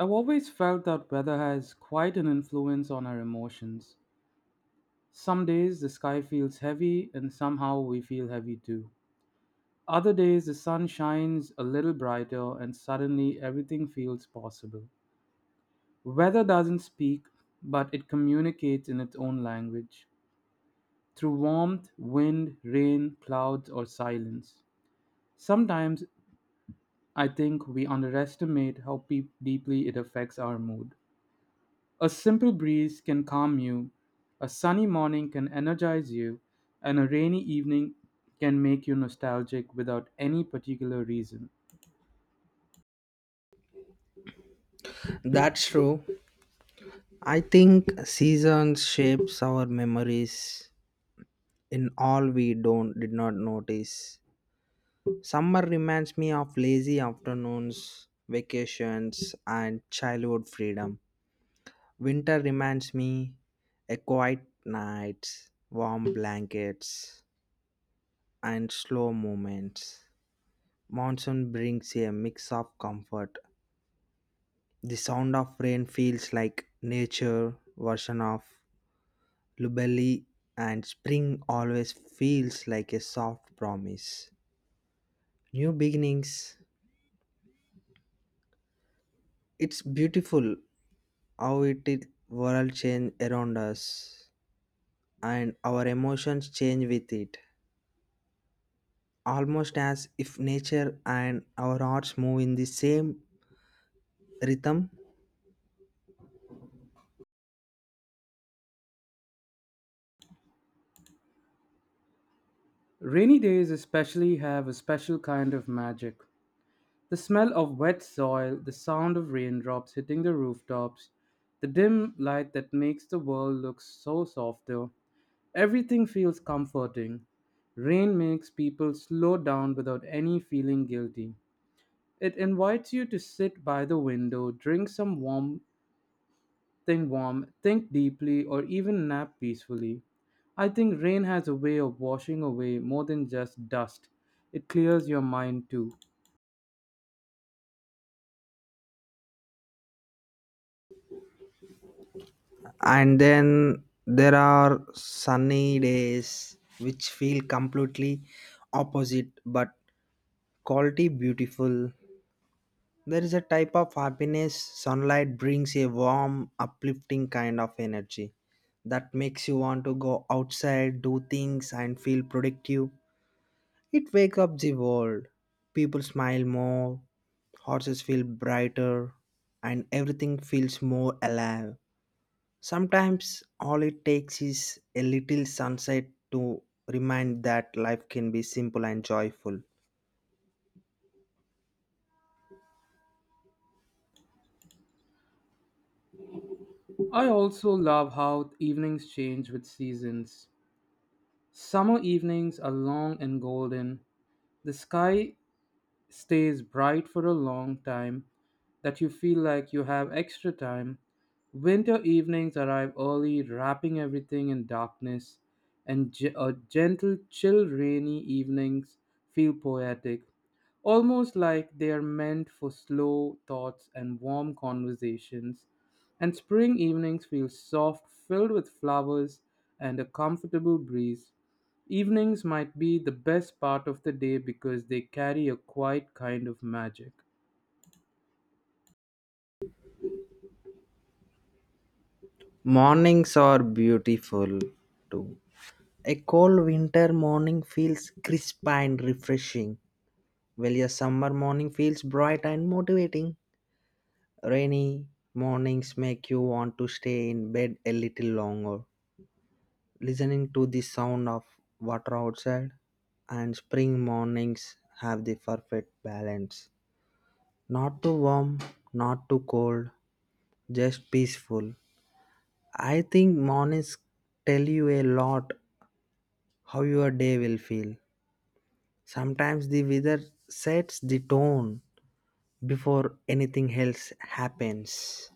I've always felt that weather has quite an influence on our emotions. Some days the sky feels heavy, and somehow we feel heavy too. Other days the sun shines a little brighter, and suddenly everything feels possible. Weather doesn't speak, but it communicates in its own language through warmth, wind, rain, clouds, or silence. Sometimes I think we underestimate how peop deeply it affects our mood. A simple breeze can calm you, a sunny morning can energize you, and a rainy evening can make you nostalgic without any particular reason. That's true. I think seasons shapes our memories in all we don't did not notice. Summer reminds me of lazy afternoons, vacations and childhood freedom. Winter reminds me a quiet nights, warm blankets and slow movements. Monsoon brings a mix of comfort. The sound of rain feels like nature version of lullaby, and spring always feels like a soft promise. New beginnings. It's beautiful how it is world change around us and our emotions change with it. Almost as if nature and our hearts move in the same rhythm. Rainy days, especially, have a special kind of magic. The smell of wet soil, the sound of raindrops hitting the rooftops, the dim light that makes the world look so softer. Everything feels comforting. Rain makes people slow down without any feeling guilty. It invites you to sit by the window, drink some warm thing warm, think deeply, or even nap peacefully. I think rain has a way of washing away more than just dust. It clears your mind too. And then there are sunny days which feel completely opposite but quality beautiful. There is a type of happiness sunlight brings, a warm, uplifting kind of energy that makes you want to go outside, do things, and feel productive. It wakes up the world. People smile more, horses feel brighter, and everything feels more alive. Sometimes all it takes is a little sunset to remind that life can be simple and joyful. I also love how evenings change with seasons. Summer evenings are long and golden. The sky stays bright for a long time that you feel like you have extra time. Winter evenings arrive early, wrapping everything in darkness, and a gentle, chill, rainy evenings feel poetic, almost like they are meant for slow thoughts and warm conversations. And spring evenings feel soft, filled with flowers and a comfortable breeze. Evenings might be the best part of the day because they carry a quiet kind of magic. Mornings are beautiful too. A cold winter morning feels crisp and refreshing, while a summer morning feels bright and motivating. Rainy mornings make you want to stay in bed a little longer, listening to the sound of water outside. And spring mornings have the perfect balance. Not too warm, not too cold, just peaceful. I think mornings tell you a lot how your day will feel. Sometimes the weather sets the tone before anything else happens.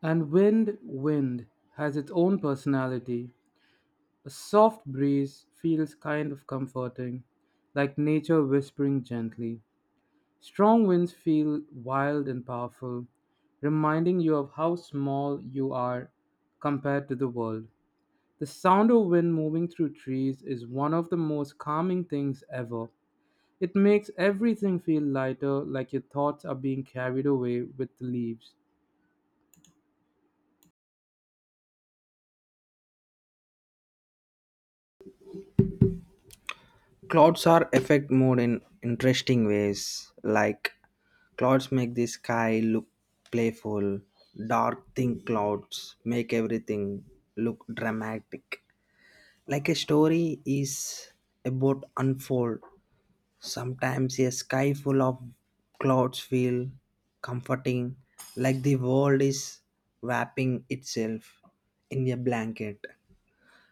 And wind has its own personality. A soft breeze feels kind of comforting, like nature whispering gently. Strong winds feel wild and powerful, reminding you of how small you are compared to the world. The sound of wind moving through trees is one of the most calming things ever. It makes everything feel lighter, like your thoughts are being carried away with the leaves. Clouds are affect mood in interesting ways. Like clouds make the sky look playful. Dark thin clouds make everything look dramatic. Like a story is about unfold. Sometimes a sky full of clouds feel comforting, like the world is wrapping itself in a blanket.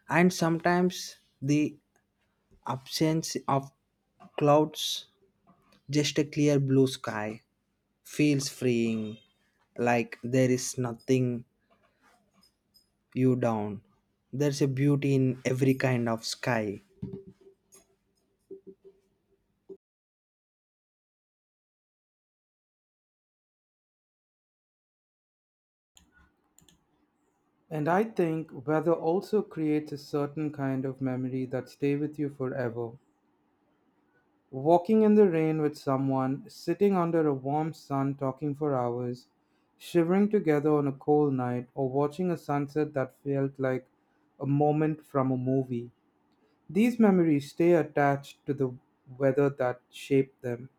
And sometimes the absence of clouds, just a clear blue sky, feels freeing, like there is nothing you down. There's a beauty in every kind of sky. And I think weather also creates a certain kind of memory that stay with you forever. Walking in the rain with someone, sitting under a warm sun talking for hours, shivering together on a cold night, or watching a sunset that felt like a moment from a movie. These memories stay attached to the weather that shaped them.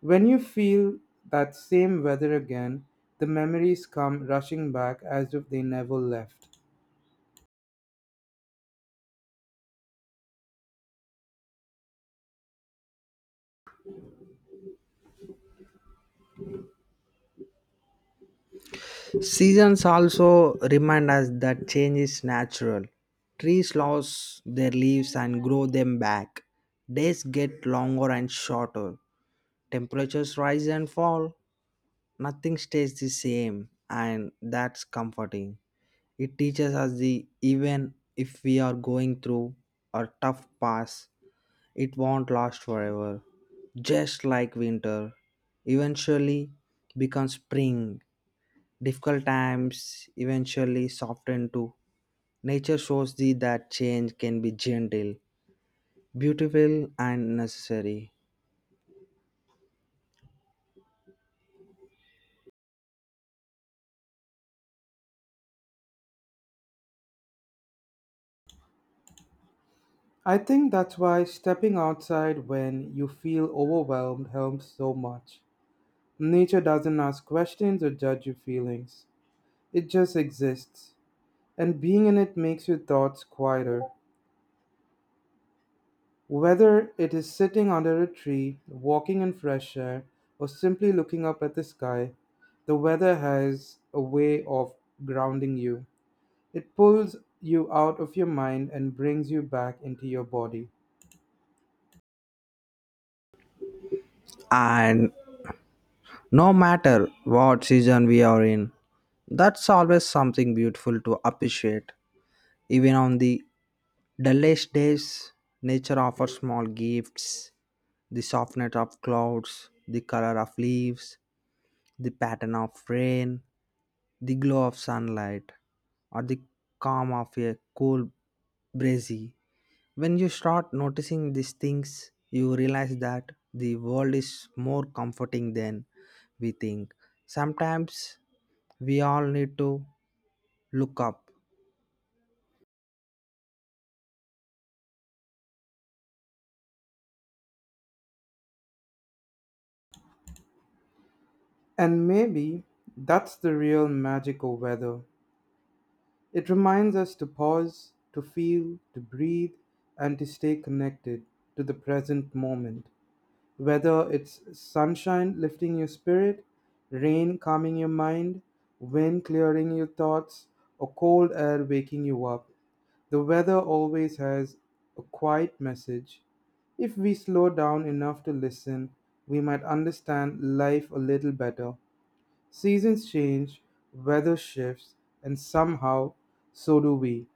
When you feel that same weather again, the memories come rushing back as if they never left. Seasons also remind us that change is natural. Trees lose their leaves and grow them back. Days get longer and shorter. Temperatures rise and fall. Nothing stays the same, and that's comforting. It teaches us the even if we are going through a tough pass, it won't last forever. Just like winter, eventually becomes spring. Difficult times eventually soften too. Nature shows thee that change can be gentle, beautiful, and necessary. I think that's why stepping outside when you feel overwhelmed helps so much. Nature doesn't ask questions or judge your feelings. It just exists. And being in it makes your thoughts quieter. Whether it is sitting under a tree, walking in fresh air, or simply looking up at the sky, the weather has a way of grounding you. It pulls you out of your mind and brings you back into your body. And no matter what season we are in, that's always something beautiful to appreciate. Even on the dullest days, nature offers small gifts, the softness of clouds, the color of leaves, the pattern of rain, the glow of sunlight or the calm of a cool breezy. When you start noticing these things, you realize that the world is more comforting than we think. Sometimes we all need to look up. And maybe that's the real magic of weather. It reminds us to pause, to feel, to breathe, and to stay connected to the present moment. Whether it's sunshine lifting your spirit, rain calming your mind, wind clearing your thoughts, or cold air waking you up, the weather always has a quiet message. If we slow down enough to listen, we might understand life a little better. Seasons change, weather shifts, and somehow so do we.